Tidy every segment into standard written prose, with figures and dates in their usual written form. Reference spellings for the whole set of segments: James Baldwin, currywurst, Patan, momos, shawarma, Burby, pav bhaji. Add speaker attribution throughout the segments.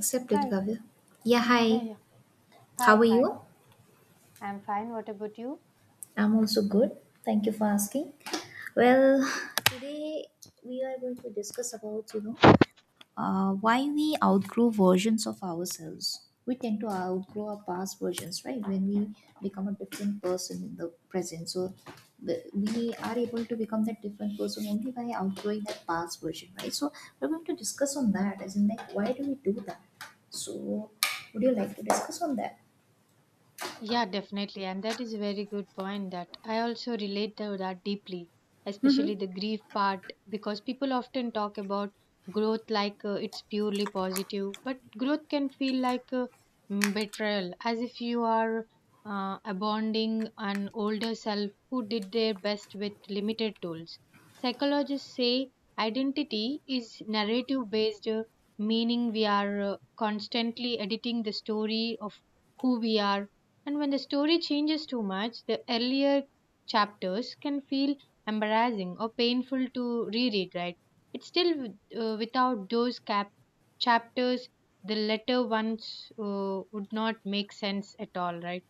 Speaker 1: Accepted,
Speaker 2: Hi.
Speaker 1: Kavya. Yeah, hi.
Speaker 2: Yeah, yeah.
Speaker 1: How
Speaker 2: Hi,
Speaker 1: are
Speaker 2: hi.
Speaker 1: you?
Speaker 2: I'm fine. What about you?
Speaker 1: I'm also good. Thank you for asking. Well, today we are going to discuss about, why we outgrow versions of ourselves. We tend to outgrow our past versions, right? When we become a different person in the present. So we are able to become that different person only by outgrowing that past version, right? So we're going to discuss on that, as in, like, why do we do that? So would you like to discuss on that?
Speaker 2: Yeah, definitely. And that is a very good point that I also relate to that deeply,
Speaker 1: Mm-hmm.
Speaker 2: especially the grief part, because people often talk about growth like it's purely positive, but growth can feel like betrayal, as if you are abandoning an older self who did their best with limited tools. Psychologists say identity is narrative based, meaning we are constantly editing the story of who we are, and when the story changes too much, the earlier chapters can feel embarrassing or painful to reread, right? It's still without those chapters, the later ones would not make sense at all, right?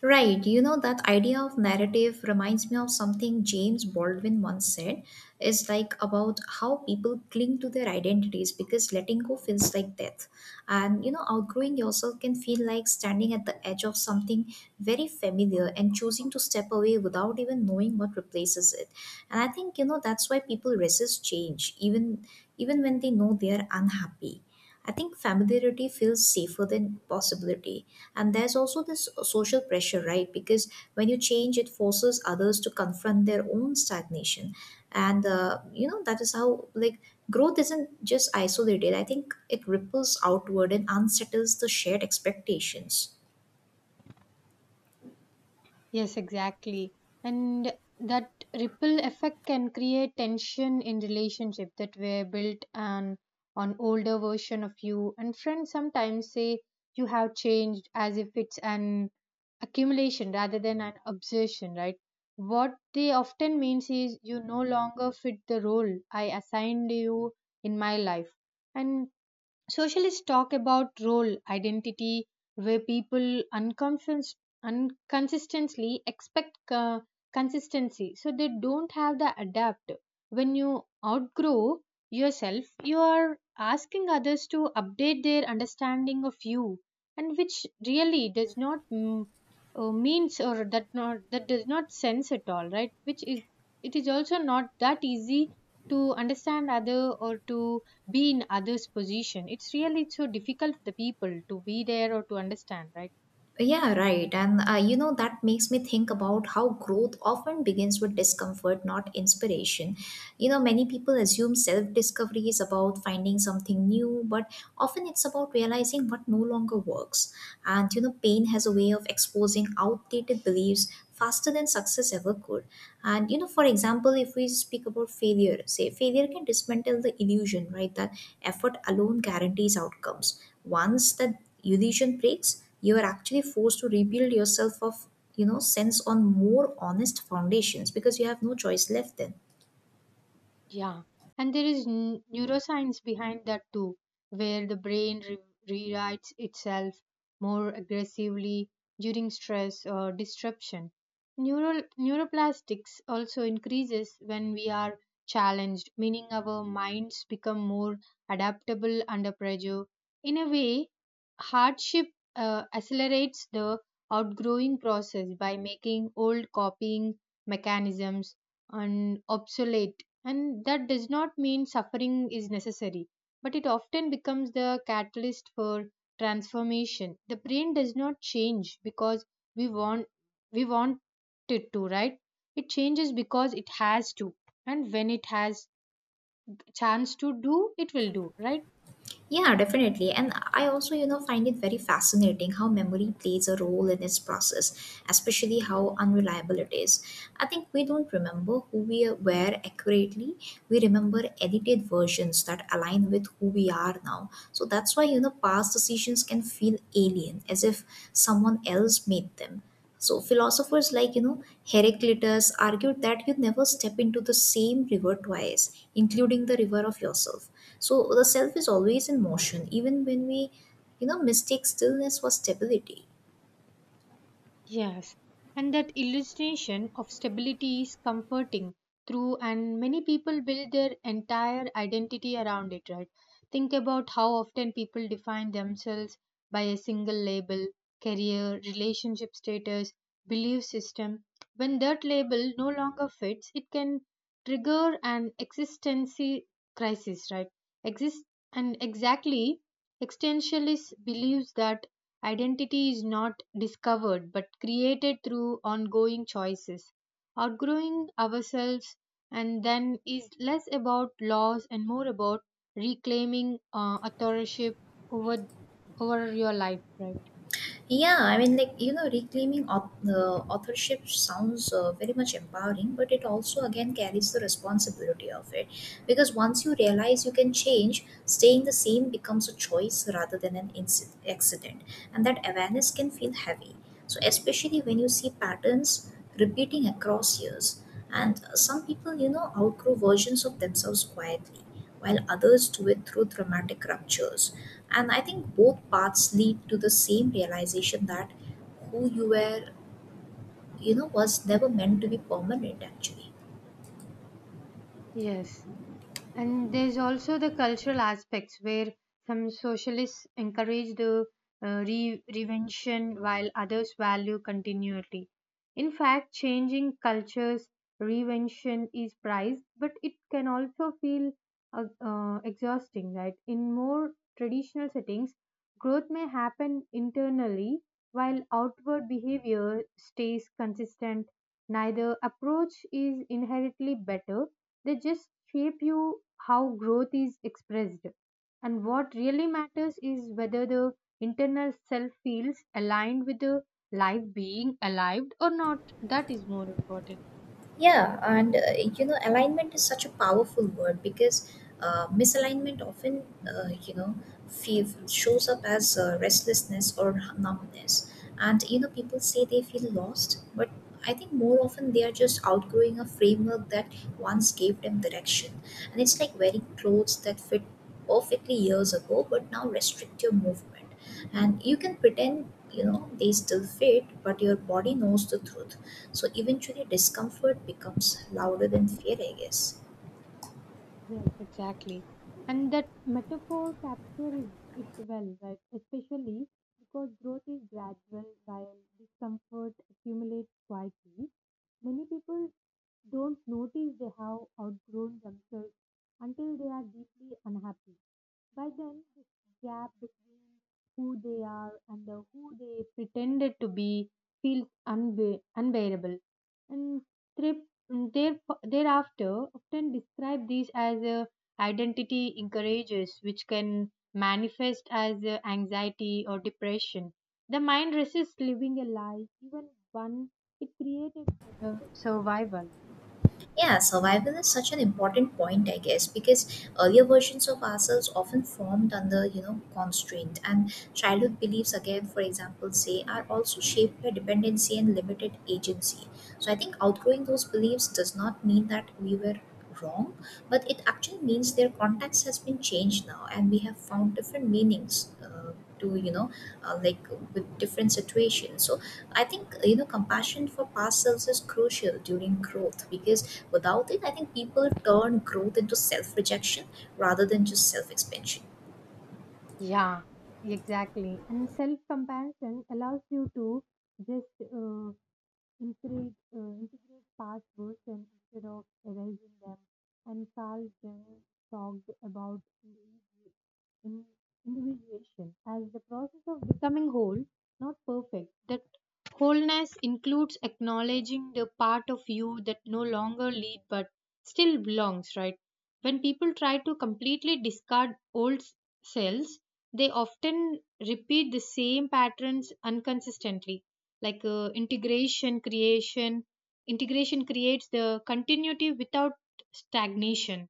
Speaker 1: Right. You know, that idea of narrative reminds me of something James Baldwin once said. It's like about how people cling to their identities because letting go feels like death. And, you know, outgrowing yourself can feel like standing at the edge of something very familiar and choosing to step away without even knowing what replaces it. And I think, you know, that's why people resist change, even when they know they are unhappy. I think familiarity feels safer than possibility, and there's also this social pressure, right? Because when you change, it forces others to confront their own stagnation. And you know, that is how, like, growth isn't just isolated. I think it ripples outward and unsettles the shared expectations.
Speaker 2: Yes, exactly. And that ripple effect can create tension in relationship that were built on older version of you, and friends sometimes say you have changed, as if it's an accumulation rather than an obsession, right? What they often means is you no longer fit the role I assigned you in my life. And Socialists talk about role identity, where people unconsistently expect consistency, so they don't have the adapt. When you outgrow yourself, you are asking others to update their understanding of you, and which really does not means, or that not, that does not sense at all, right? Which is, it is also not that easy to understand other, or to be in others position. It's really so difficult for the people to be there or to understand, right?
Speaker 1: Yeah, right. And you know, that makes me think about how growth often begins with discomfort, not inspiration. You know, many people assume self discovery is about finding something new, but often it's about realizing what no longer works. And you know, pain has a way of exposing outdated beliefs faster than success ever could. And, you know, for example, if we speak about failure, say failure can dismantle the illusion, right, that effort alone guarantees outcomes. Once that illusion breaks, you are actually forced to rebuild yourself of, you know, sense on more honest foundations because you have no choice left then.
Speaker 2: Yeah, and there is neuroscience behind that too, where the brain rewrites itself more aggressively during stress or disruption. Neural neuroplastics also increases when we are challenged, meaning our minds become more adaptable under pressure. In a way, hardship accelerates the outgrowing process by making old copying mechanisms and obsolete, and that does not mean suffering is necessary, but it often becomes the catalyst for transformation. The brain does not change because we want we want it to, right? It changes because it has to. And when it has chance to do, it will do, right?
Speaker 1: Yeah, definitely. And I also, you know, find it very fascinating how memory plays a role in its process, especially how unreliable it is. I think we don't remember who we were accurately. We remember edited versions that align with who we are now. So that's why, you know, past decisions can feel alien, as if someone else made them. So philosophers like, you know, Heraclitus argued that you never step into the same river twice, including the river of yourself. So the self is always in motion, even when we, you know, mistake stillness for stability.
Speaker 2: Yes, and that illustration of stability is comforting through, and many people build their entire identity around it, right? Think about how often people define themselves by a single label, career, relationship status, belief system. When that label no longer fits, it can trigger an existential crisis, right? Exist and Exactly, existentialist believes that identity is not discovered but created through ongoing choices. Outgrowing ourselves and then is less about loss and more about reclaiming authorship over over your life, right?
Speaker 1: Yeah, I mean, like, you know, reclaiming authorship sounds very much empowering, but it also again carries the responsibility of it. Because once you realize you can change, staying the same becomes a choice rather than an accident. And that awareness can feel heavy. So, especially when you see patterns repeating across years. And some people, you know, outgrow versions of themselves quietly, while others do it through dramatic ruptures. And I think both paths lead to the same realization that who you were, you know, was never meant to be permanent actually.
Speaker 2: Yes. And there's also the cultural aspects where some socialists encourage the reinvention, while others value continuity. In fact, changing cultures, reinvention is prized, but it can also feel exhausting, right? In more traditional settings, growth may happen internally while outward behavior stays consistent. Neither approach is inherently better, they just shape you how growth is expressed. And what really matters is whether the internal self feels aligned with the life being alive or not. That is more important.
Speaker 1: Yeah, and you know, alignment is such a powerful word because misalignment often, you know, shows up as restlessness or numbness. And you know, people say they feel lost, but I think more often they are just outgrowing a framework that once gave them direction. And it's like wearing clothes that fit perfectly years ago, but now restrict your movement. And you can pretend, you know, they still fit, but your body knows the truth. So eventually, discomfort becomes louder than fear, I guess.
Speaker 2: Yes, exactly. And that metaphor captures it well, right? Especially because growth is gradual while discomfort accumulates quietly. Many people don't notice they have outgrown themselves until they are deeply unhappy. By then, this gap between who they are and the who they pretended to be feels unbearable. And thrift Mm, There, thereafter, often describe these as identity encourages, which can manifest as anxiety or depression. The mind resists living a lie, even one it created for the survival.
Speaker 1: Yeah, survival is such an important point, I guess, because earlier versions of ourselves often formed under, you know, constraint. And childhood beliefs, again, for example, say, are also shaped by dependency and limited agency. So I think outgrowing those beliefs does not mean that we were wrong, but it actually means their context has been changed now, and we have found different meanings to, you know, like with different situations. So I think, you know, compassion for past selves is crucial during growth because without it, I think people turn growth into self rejection rather than just self expansion.
Speaker 2: Yeah, exactly. And self comparison allows you to just integrate past versions instead of erasing them. And Carl Jung talked about individu- in- individuation as the process of becoming whole, not perfect. That wholeness includes acknowledging the part of you that no longer lead but still belongs, right? When people try to completely discard old selves, they often repeat the same patterns unconsistently, like integration creates the continuity without stagnation.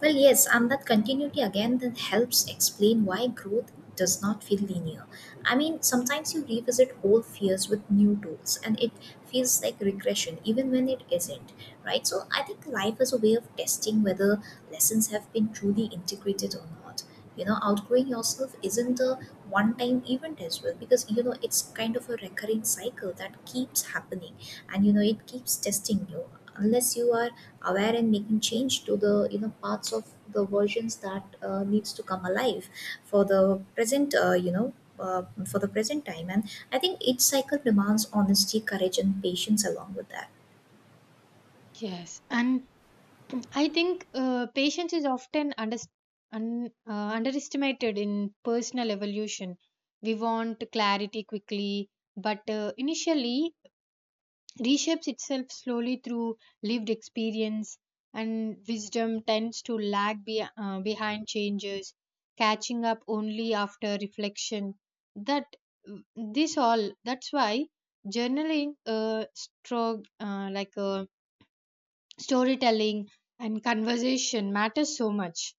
Speaker 1: Well, yes, and that continuity again that helps explain why growth does not feel linear. I mean, sometimes you revisit old fears with new tools and it feels like regression even when it isn't, right? So I think life is a way of testing whether lessons have been truly integrated or not. You know, outgrowing yourself isn't a one time event as well, because you know it's kind of a recurring cycle that keeps happening, and you know it keeps testing you unless you are aware and making change to the, you know, parts of the versions that needs to come alive for the present, you know, for the present time. And I think each cycle demands honesty, courage and patience along with that.
Speaker 2: Yes. And I think patience is often underestimated in personal evolution. We want clarity quickly, but initially reshapes itself slowly through lived experience, and wisdom tends to lag behind changes, catching up only after reflection. That this all that's why journaling, strong like storytelling, and conversation matters so much.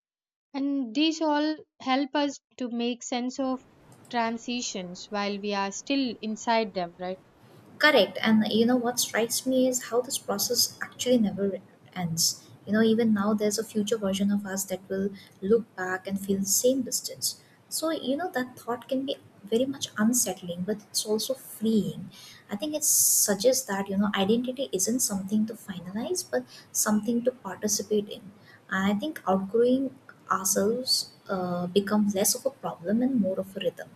Speaker 2: And these all help us to make sense of transitions while we are still inside them, right?
Speaker 1: Correct. And you know what strikes me is how this process actually never ends. You know, even now there's a future version of us that will look back and feel the same distance. So, you know, that thought can be very much unsettling, but it's also freeing. I think it suggests that, you know, identity isn't something to finalize, but something to participate in. And I think outgrowing ourselves becomes less of a problem and more of a rhythm.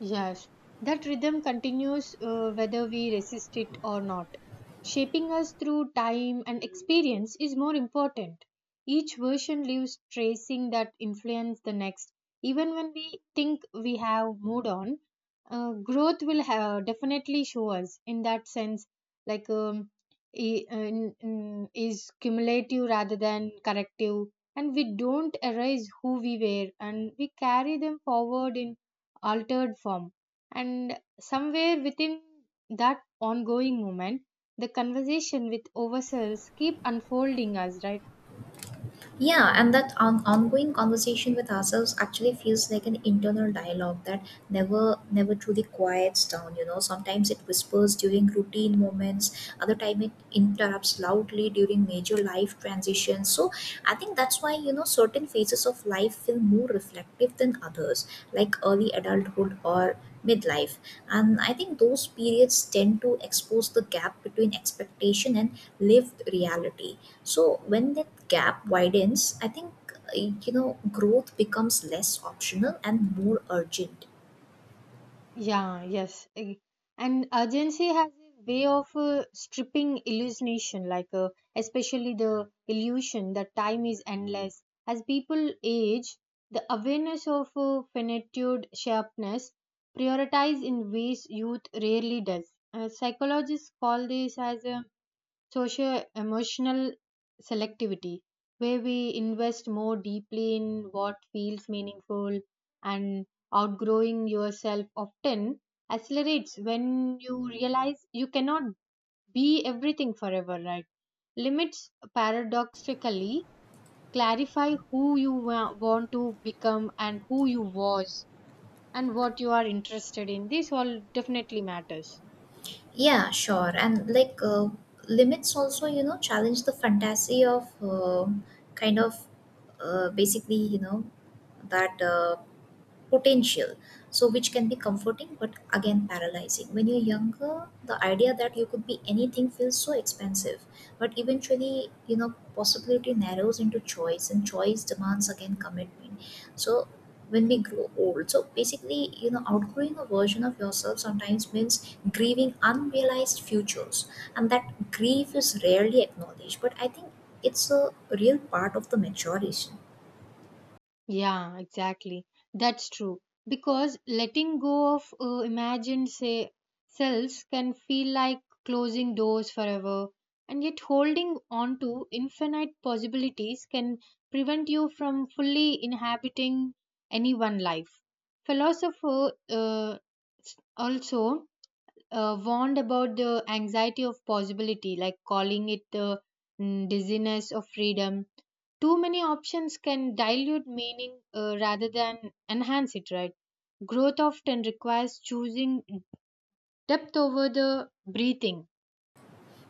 Speaker 2: Yes, that rhythm continues whether we resist it or not. Shaping us through time and experience is more important. Each version leaves tracing that influence the next. Even when we think we have moved on, growth will have, definitely show us in that sense, like is cumulative rather than corrective. And we don't erase who we were, and we carry them forward in altered form. And somewhere within that ongoing moment, the conversation with ourselves keep unfolding us, right?
Speaker 1: Yeah, and that ongoing conversation with ourselves actually feels like an internal dialogue that never truly quiets down, you know. Sometimes it whispers during routine moments, other time it interrupts loudly during major life transitions. So I think that's why, you know, certain phases of life feel more reflective than others, like early adulthood or midlife. And I think those periods tend to expose the gap between expectation and lived reality. So when that gap widens, I think, you know, growth becomes less optional and more urgent.
Speaker 2: Yeah, yes. And urgency has a way of stripping hallucination, like especially the illusion that time is endless. As people age, the awareness of finitude sharpness prioritize in ways youth rarely does. Psychologists call this as a socio emotional selectivity, where we invest more deeply in what feels meaningful, and outgrowing yourself often accelerates when you realize you cannot be everything forever, right? Limits paradoxically clarify who you want to become, and who you was, and what you are interested in. This all definitely matters.
Speaker 1: Yeah, sure. And like limits also, you know, challenge the fantasy of kind of basically, you know, that potential, so which can be comforting but again paralyzing. When you're younger, the idea that you could be anything feels so expansive, but eventually you know possibility narrows into choice and choice demands again commitment. So when we grow old, so basically you know outgrowing a version of yourself sometimes means grieving unrealized futures, and that grief is rarely acknowledged, but I think it's a real part of the maturation.
Speaker 2: Yeah, exactly. That's true. Because letting go of imagined say selves can feel like closing doors forever, and yet holding on to infinite possibilities can prevent you from fully inhabiting any one life. Philosopher also warned about the anxiety of possibility, like calling it the dizziness of freedom. Too many options can dilute meaning rather than enhance it, right? Growth often requires choosing depth over the breathing,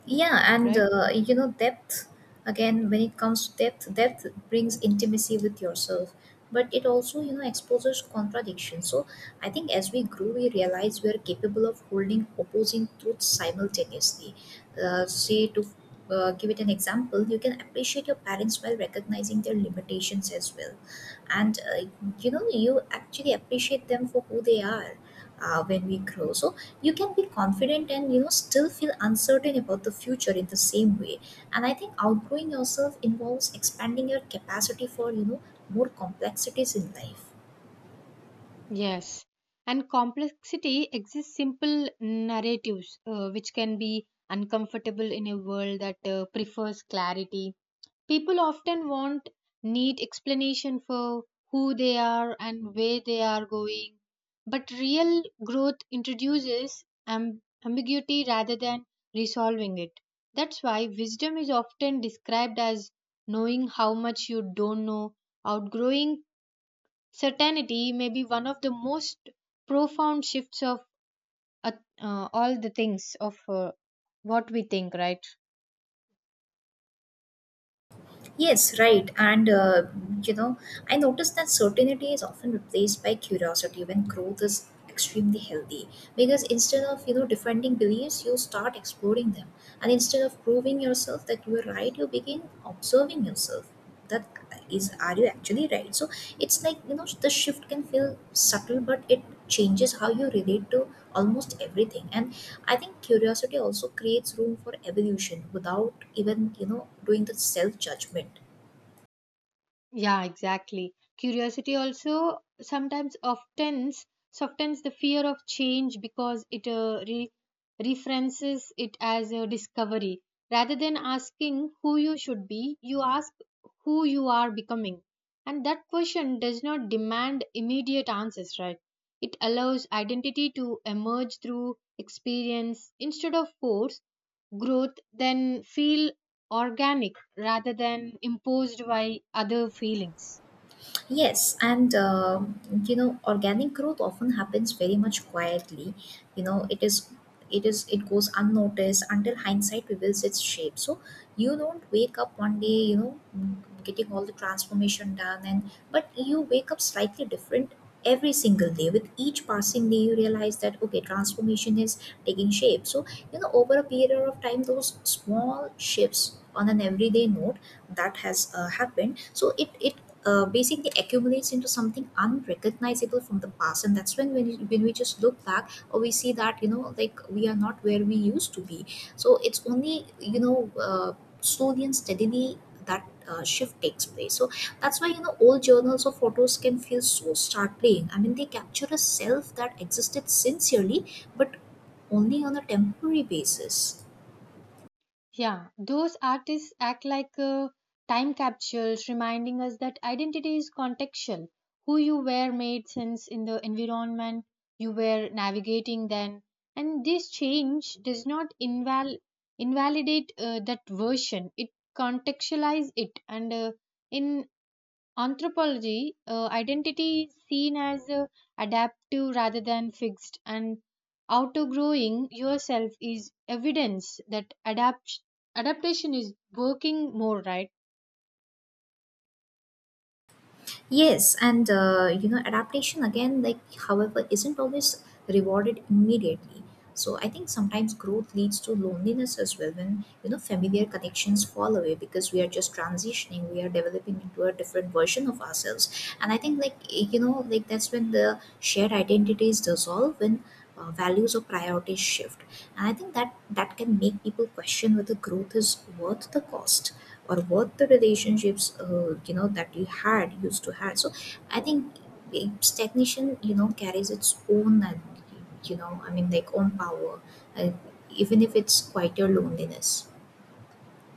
Speaker 1: Yeah, and
Speaker 2: right?
Speaker 1: you know, depth again, when it comes to depth, depth brings intimacy with yourself, but it also, you know, exposes contradiction. So I think as we grow, we realize we are capable of holding opposing truths simultaneously. Say, to give it an example, you can appreciate your parents while recognizing their limitations as well. And you know, you actually appreciate them for who they are when we grow. So you can be confident and, you know, still feel uncertain about the future in the same way. And I think outgrowing yourself involves expanding your capacity for, you know, more complexities in life.
Speaker 2: Yes. And complexity exists simple narratives, which can be uncomfortable in a world that prefers clarity. People often want neat explanation for who they are and where they are going, but real growth introduces ambiguity rather than resolving it. That's why wisdom is often described as knowing how much you don't know. Outgrowing certainty may be one of the most profound shifts of uh, all the things of what we think, right?
Speaker 1: Yes, right. And, you know, I noticed that certainty is often replaced by curiosity when growth is extremely healthy. Because instead of, you know, defending beliefs, you start exploring them. And instead of proving yourself that you are right, you begin observing yourself. That is, are you actually right? So it's like, you know, the shift can feel subtle, but it changes how you relate to almost everything. And I think curiosity also creates room for evolution without even, you know, doing the self judgment.
Speaker 2: Yeah, exactly. Curiosity also sometimes oftens softens the fear of change because it re- references it as a discovery. Rather than asking who you should be, you ask who you are becoming. And that question does not demand immediate answers, right? It allows identity to emerge through experience instead of force, growth, then feel organic rather than imposed by other feelings.
Speaker 1: Yes, and you know, organic growth often happens very much quietly. You know, it is, it goes unnoticed until hindsight reveals its shape. So you don't wake up one day, you know, getting all the transformation done, and but you wake up slightly different every single day. With each passing day, you realize that okay, transformation is taking shape. So you know, over a period of time, those small shifts on an everyday note that has happened, so it basically accumulates into something unrecognizable from the past. And that's when when we just look back or we see that, you know, like we are not where we used to be. So it's only, you know, slowly and steadily that shift takes place. So that's why, you know, old journals or photos can feel so startling. I mean, they capture a self that existed sincerely, but only on a temporary basis.
Speaker 2: Yeah, those artists act like time capsules, reminding us that identity is contextual. Who you were made sense in the environment you were navigating then, and this change does not invalidate that version. It contextualizes it, and in anthropology, identity is seen as adaptive rather than fixed, and outgrowing yourself is evidence that adaptation is working more, right?
Speaker 1: Yes, and you know, adaptation again, like, however, isn't always rewarded immediately. So I think sometimes growth leads to loneliness as well, when you know familiar connections fall away because we are just transitioning, we are developing into a different version of ourselves. And I think like that's when the shared identities dissolve when values or priorities shift, and I think that that can make people question whether growth is worth the cost or worth the relationships that you had used to have. So I think stagnation carries its own own power, uh, even if it's quite your loneliness.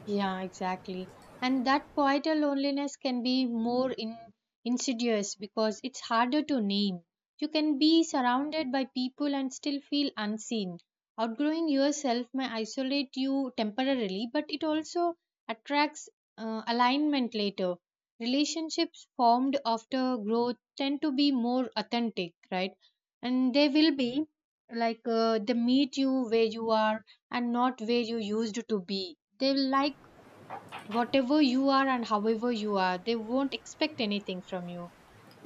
Speaker 2: Yeah, exactly. And that quieter loneliness can be more insidious because it's harder to name. You can be surrounded by people and still feel unseen. Outgrowing yourself may isolate you temporarily, but it also attracts alignment later. Relationships formed after growth tend to be more authentic, right? And they will be like they meet you where you are and not where you used to be. They will like whatever you are, and however you are, they won't expect anything from you.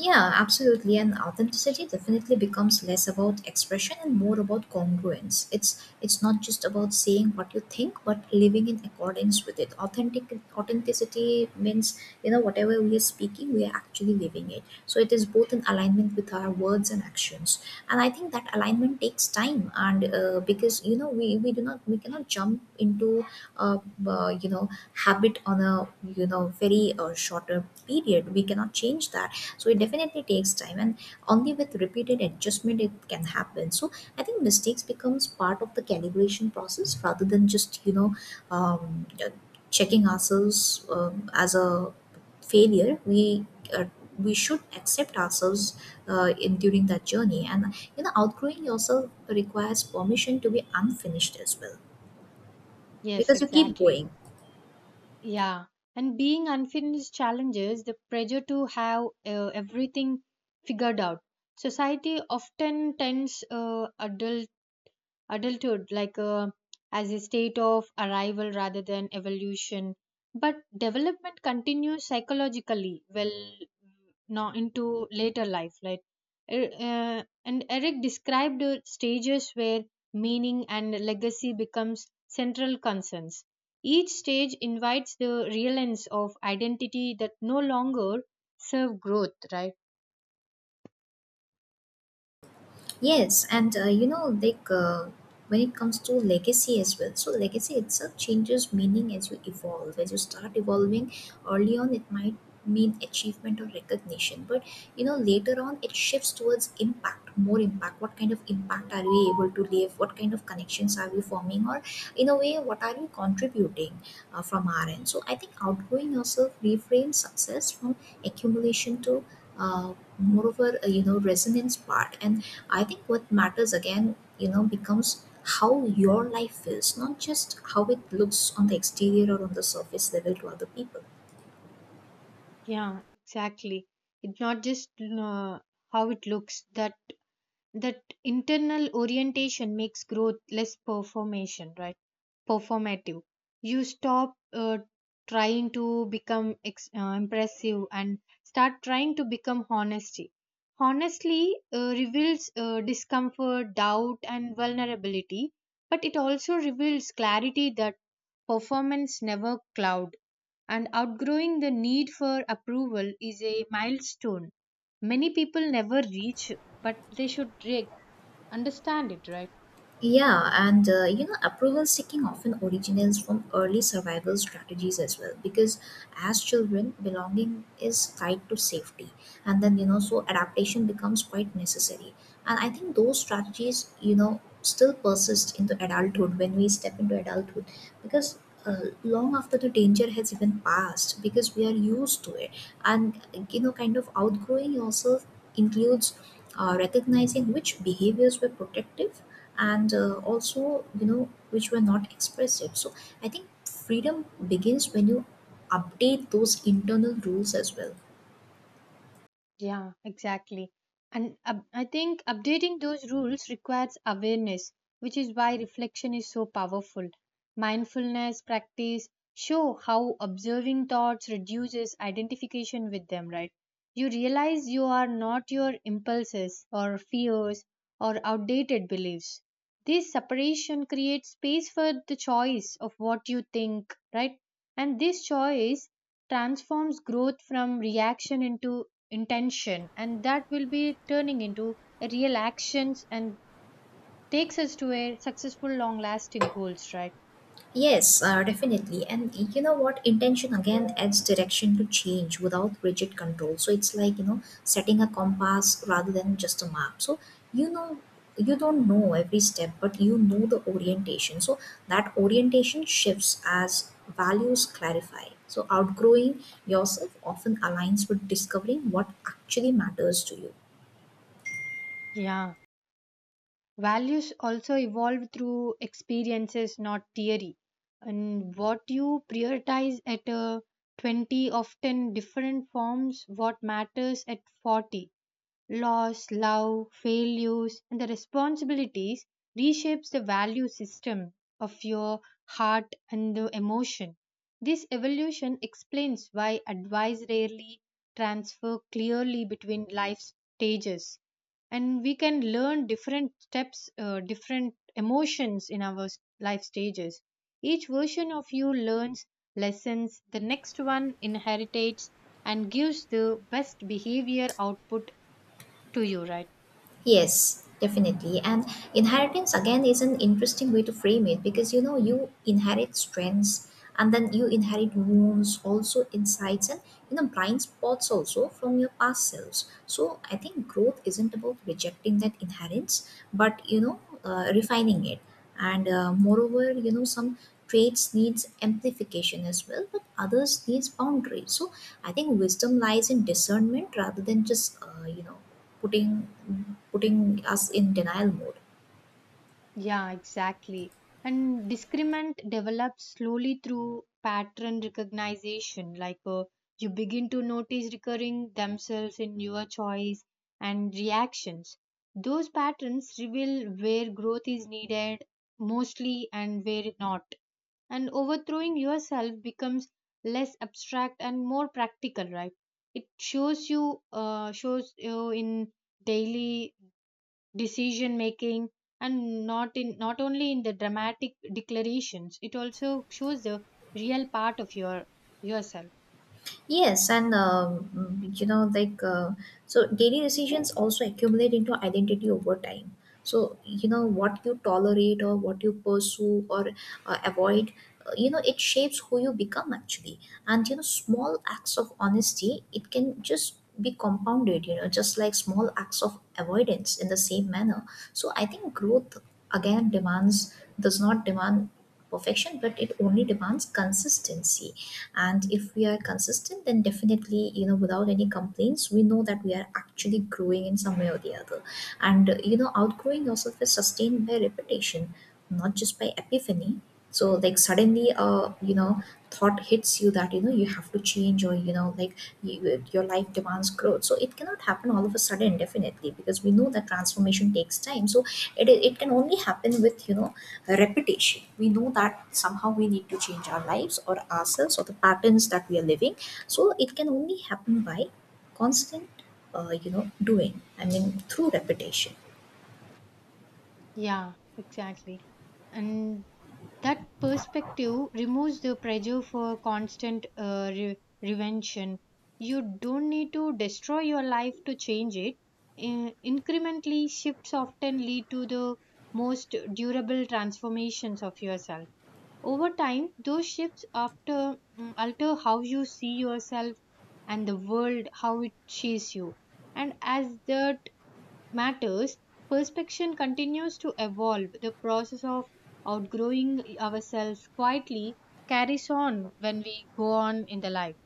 Speaker 1: Yeah, absolutely. And authenticity definitely becomes less about expression and more about congruence. It's not just about saying what you think, but living in accordance with it. Authenticity means, you know, whatever we are speaking, we are actually living it. So it is both in alignment with our words and actions. And I think that alignment takes time, and because you know we do not we cannot jump into uh, uh, you know habit on a you know very shorter period. We cannot change that, so it definitely takes time, and only with repeated adjustment it can happen. So I think mistakes becomes part of the calibration process rather than just um, uh, checking ourselves as a failure. Uh, we should accept ourselves in during that journey, and you know outgrowing yourself requires permission to be unfinished as well,
Speaker 2: Yes,
Speaker 1: because you keep
Speaker 2: exactly.
Speaker 1: going.
Speaker 2: Yeah, and being unfinished challenges the pressure to have everything figured out. Society often tends adults adulthood like a as a state of arrival rather than evolution, but development continues psychologically well now into later life. Like and Eric described the stages where meaning and legacy becomes central concerns. Each stage invites the realness of identity that no longer serve growth, right?
Speaker 1: Yes, and when it comes to legacy as well, so legacy itself changes meaning as you evolve. As you start evolving early on, it might mean achievement or recognition, but you know, later on, it shifts towards impact, more impact. What kind of impact are we able to leave? What kind of connections are we forming? Or, in a way, what are we contributing from our end? So, I think outgrowing yourself reframes success from accumulation to you know, resonance part. And I think what matters again, you know, becomes how your life feels, not just how it looks on the exterior or on the surface level to other people.
Speaker 2: Yeah, exactly. It's not just uh, how it looks. That that internal orientation makes growth less performation, right? Performative. You stop trying to become impressive, and start trying to become honesty. Honestly reveals discomfort, doubt, and vulnerability, but it also reveals clarity that performance never cloud. And outgrowing the need for approval is a milestone many people never reach, but they should understand it, right?
Speaker 1: Yeah, and you know, approval seeking often originates from early survival strategies as well. Because as children, belonging is tied to safety, and then you know, so adaptation becomes quite necessary. And I think those strategies, you know, still persist into adulthood when we step into adulthood, because long after the danger has even passed, because we are used to it, and you know, kind of outgrowing yourself includes recognizing which behaviors were protective, and also you know which were not expressive. So I think freedom begins when you update those internal rules as well.
Speaker 2: Yeah, exactly. And I think updating those rules requires awareness, which is why reflection is so powerful. Mindfulness practice show how observing thoughts reduces identification with them, right? You realize you are not your impulses or fears or outdated beliefs. This separation creates space for the choice of what you think, right? And this choice transforms growth from reaction into intention, and that will be turning into a real actions, and takes us to a successful long lasting goals, right?
Speaker 1: Yes, definitely. And you know what? Intention again adds direction to change without rigid control. So it's like, you know, setting a compass rather than just a map. So you know, you don't know every step, but you know the orientation. So that orientation shifts as values clarify. So outgrowing yourself often aligns with discovering what actually matters to you.
Speaker 2: Yeah, values also evolve through experiences, not theory. And what you prioritize at 20 often different forms what matters at 40. Loss, love, failures, and the responsibilities reshapes the value system of your heart and the emotion. This evolution explains why advice rarely transfer clearly between life stages, and we can learn different steps, different emotions in our life stages. Each version of you learns lessons the next one inherits, and gives the best behavior output to you, right?
Speaker 1: Yes, definitely. And inheritance again is an interesting way to frame it, because you know you inherit strengths, and then you inherit wounds, also insights, and you know blind spots also from your past selves. So I think growth isn't about rejecting that inheritance, but you know refining it. And moreover, you know, some traits needs amplification as well, but others needs boundaries. So I think wisdom lies in discernment rather than just you know putting putting us in denial mode.
Speaker 2: Yeah, exactly. And discriminant develops slowly through pattern recognition, like you begin to notice recurring themselves in your choice and reactions. Those patterns reveal where growth is needed mostly and where not. And overthrowing yourself becomes less abstract and more practical, right? It shows you in daily decision making, and not in, not only in the dramatic declarations. It also shows the real part of yourself.
Speaker 1: Yes, and so, daily decisions also accumulate into identity over time. So you know what you tolerate or what you pursue or avoid. You know, it shapes who you become actually, and you know, small acts of honesty it can just be compounded. You know, just like small acts of avoidance in the same manner. So I think growth again demands does not demand perfection, but it only demands consistency. And if we are consistent, then definitely you know without any complaints we know that we are actually growing in some way or the other. And you know outgrowing yourself is sustained by repetition, not just by epiphany. So like suddenly you know thought hits you that you know you have to change, or you know like your life demands growth, so it cannot happen all of a sudden definitely because we know that transformation takes time. So it can only happen with you know repetition. We know that somehow we need to change our lives or ourselves or the patterns that we are living. So it can only happen by constant, you know, doing. I mean, through repetition.
Speaker 2: Yeah, exactly. And that perspective removes the pressure for constant revention. You don't need to destroy your life to change it. Incrementally shifts often lead to the most durable transformations of yourself. Over time, those shifts after alter how you see yourself, and the world, how it sees you. And as that matters, perspection continues to evolve. The process of outgrowing ourselves quietly carries on when we go on in the life.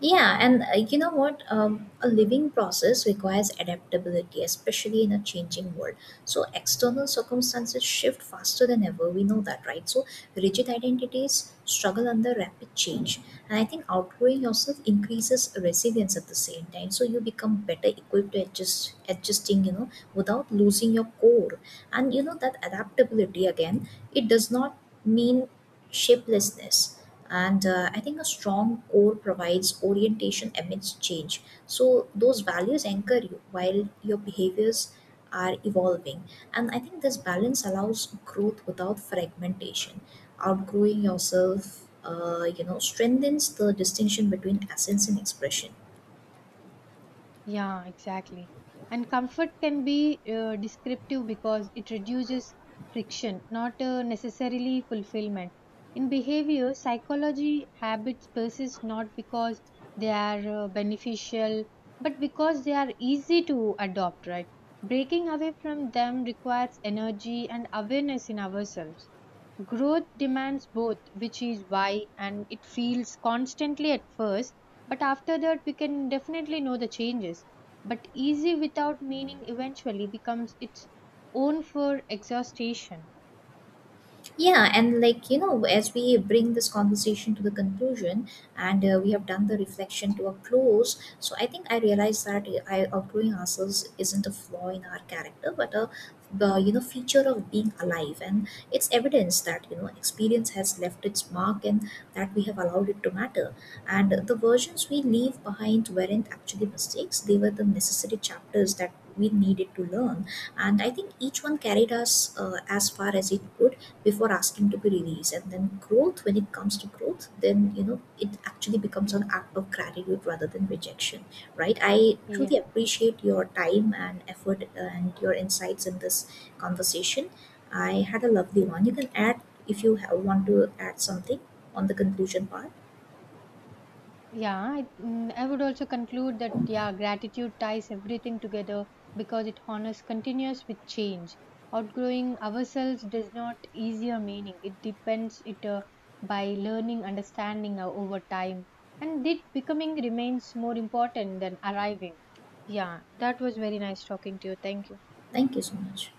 Speaker 1: Yeah, and you know what? A living process requires adaptability, especially in a changing world. So, external circumstances shift faster than ever. We know that, right? So, rigid identities struggle under rapid change. And I think outgrowing yourself increases resilience at the same time. So, you become better equipped to adjusting, you know, without losing your core. And, you know, that adaptability again, it does not mean shapelessness, and I think a strong core provides orientation amidst change, so those values anchor you while your behaviors are evolving. And I think this balance allows growth without fragmentation. Outgrowing yourself you know strengthens the distinction between essence and expression.
Speaker 2: Yeah, exactly. And comfort can be descriptive because it reduces friction, not necessarily fulfillment. In behavior, psychology habits persist not because they are beneficial, but because they are easy to adopt, right? Breaking away from them requires energy and awareness in ourselves. Growth demands both, which is why, and it feels constantly at first, but after that, we can definitely know the changes. But easy without meaning eventually becomes its own for exhaustion.
Speaker 1: Yeah, and like, you know, as we bring this conversation to the conclusion and we have done the reflection to a close, so I think I realized that I, outgrowing ourselves isn't a flaw in our character, but you know, feature of being alive. And it's evidence that, you know, experience has left its mark, and that we have allowed it to matter. And the versions we leave behind weren't actually mistakes, they were the necessary chapters that we needed to learn. And I think each one carried us as far as it could before asking to be released. And then growth, when it comes to growth, then you know it actually becomes an act of gratitude rather than rejection. Right, I
Speaker 2: Yeah,
Speaker 1: truly appreciate your time and effort and your insights in this conversation. I had a lovely one. You can add, if you have, want to add something on the conclusion part.
Speaker 2: yeah. I would also conclude that, yeah, gratitude ties everything together because it honors continuous with change. Outgrowing ourselves does not easier meaning. It depends it by learning, understanding over time, and it becoming remains more important than arriving. Yeah, that was very nice talking to you. Thank you.
Speaker 1: Thank you so much.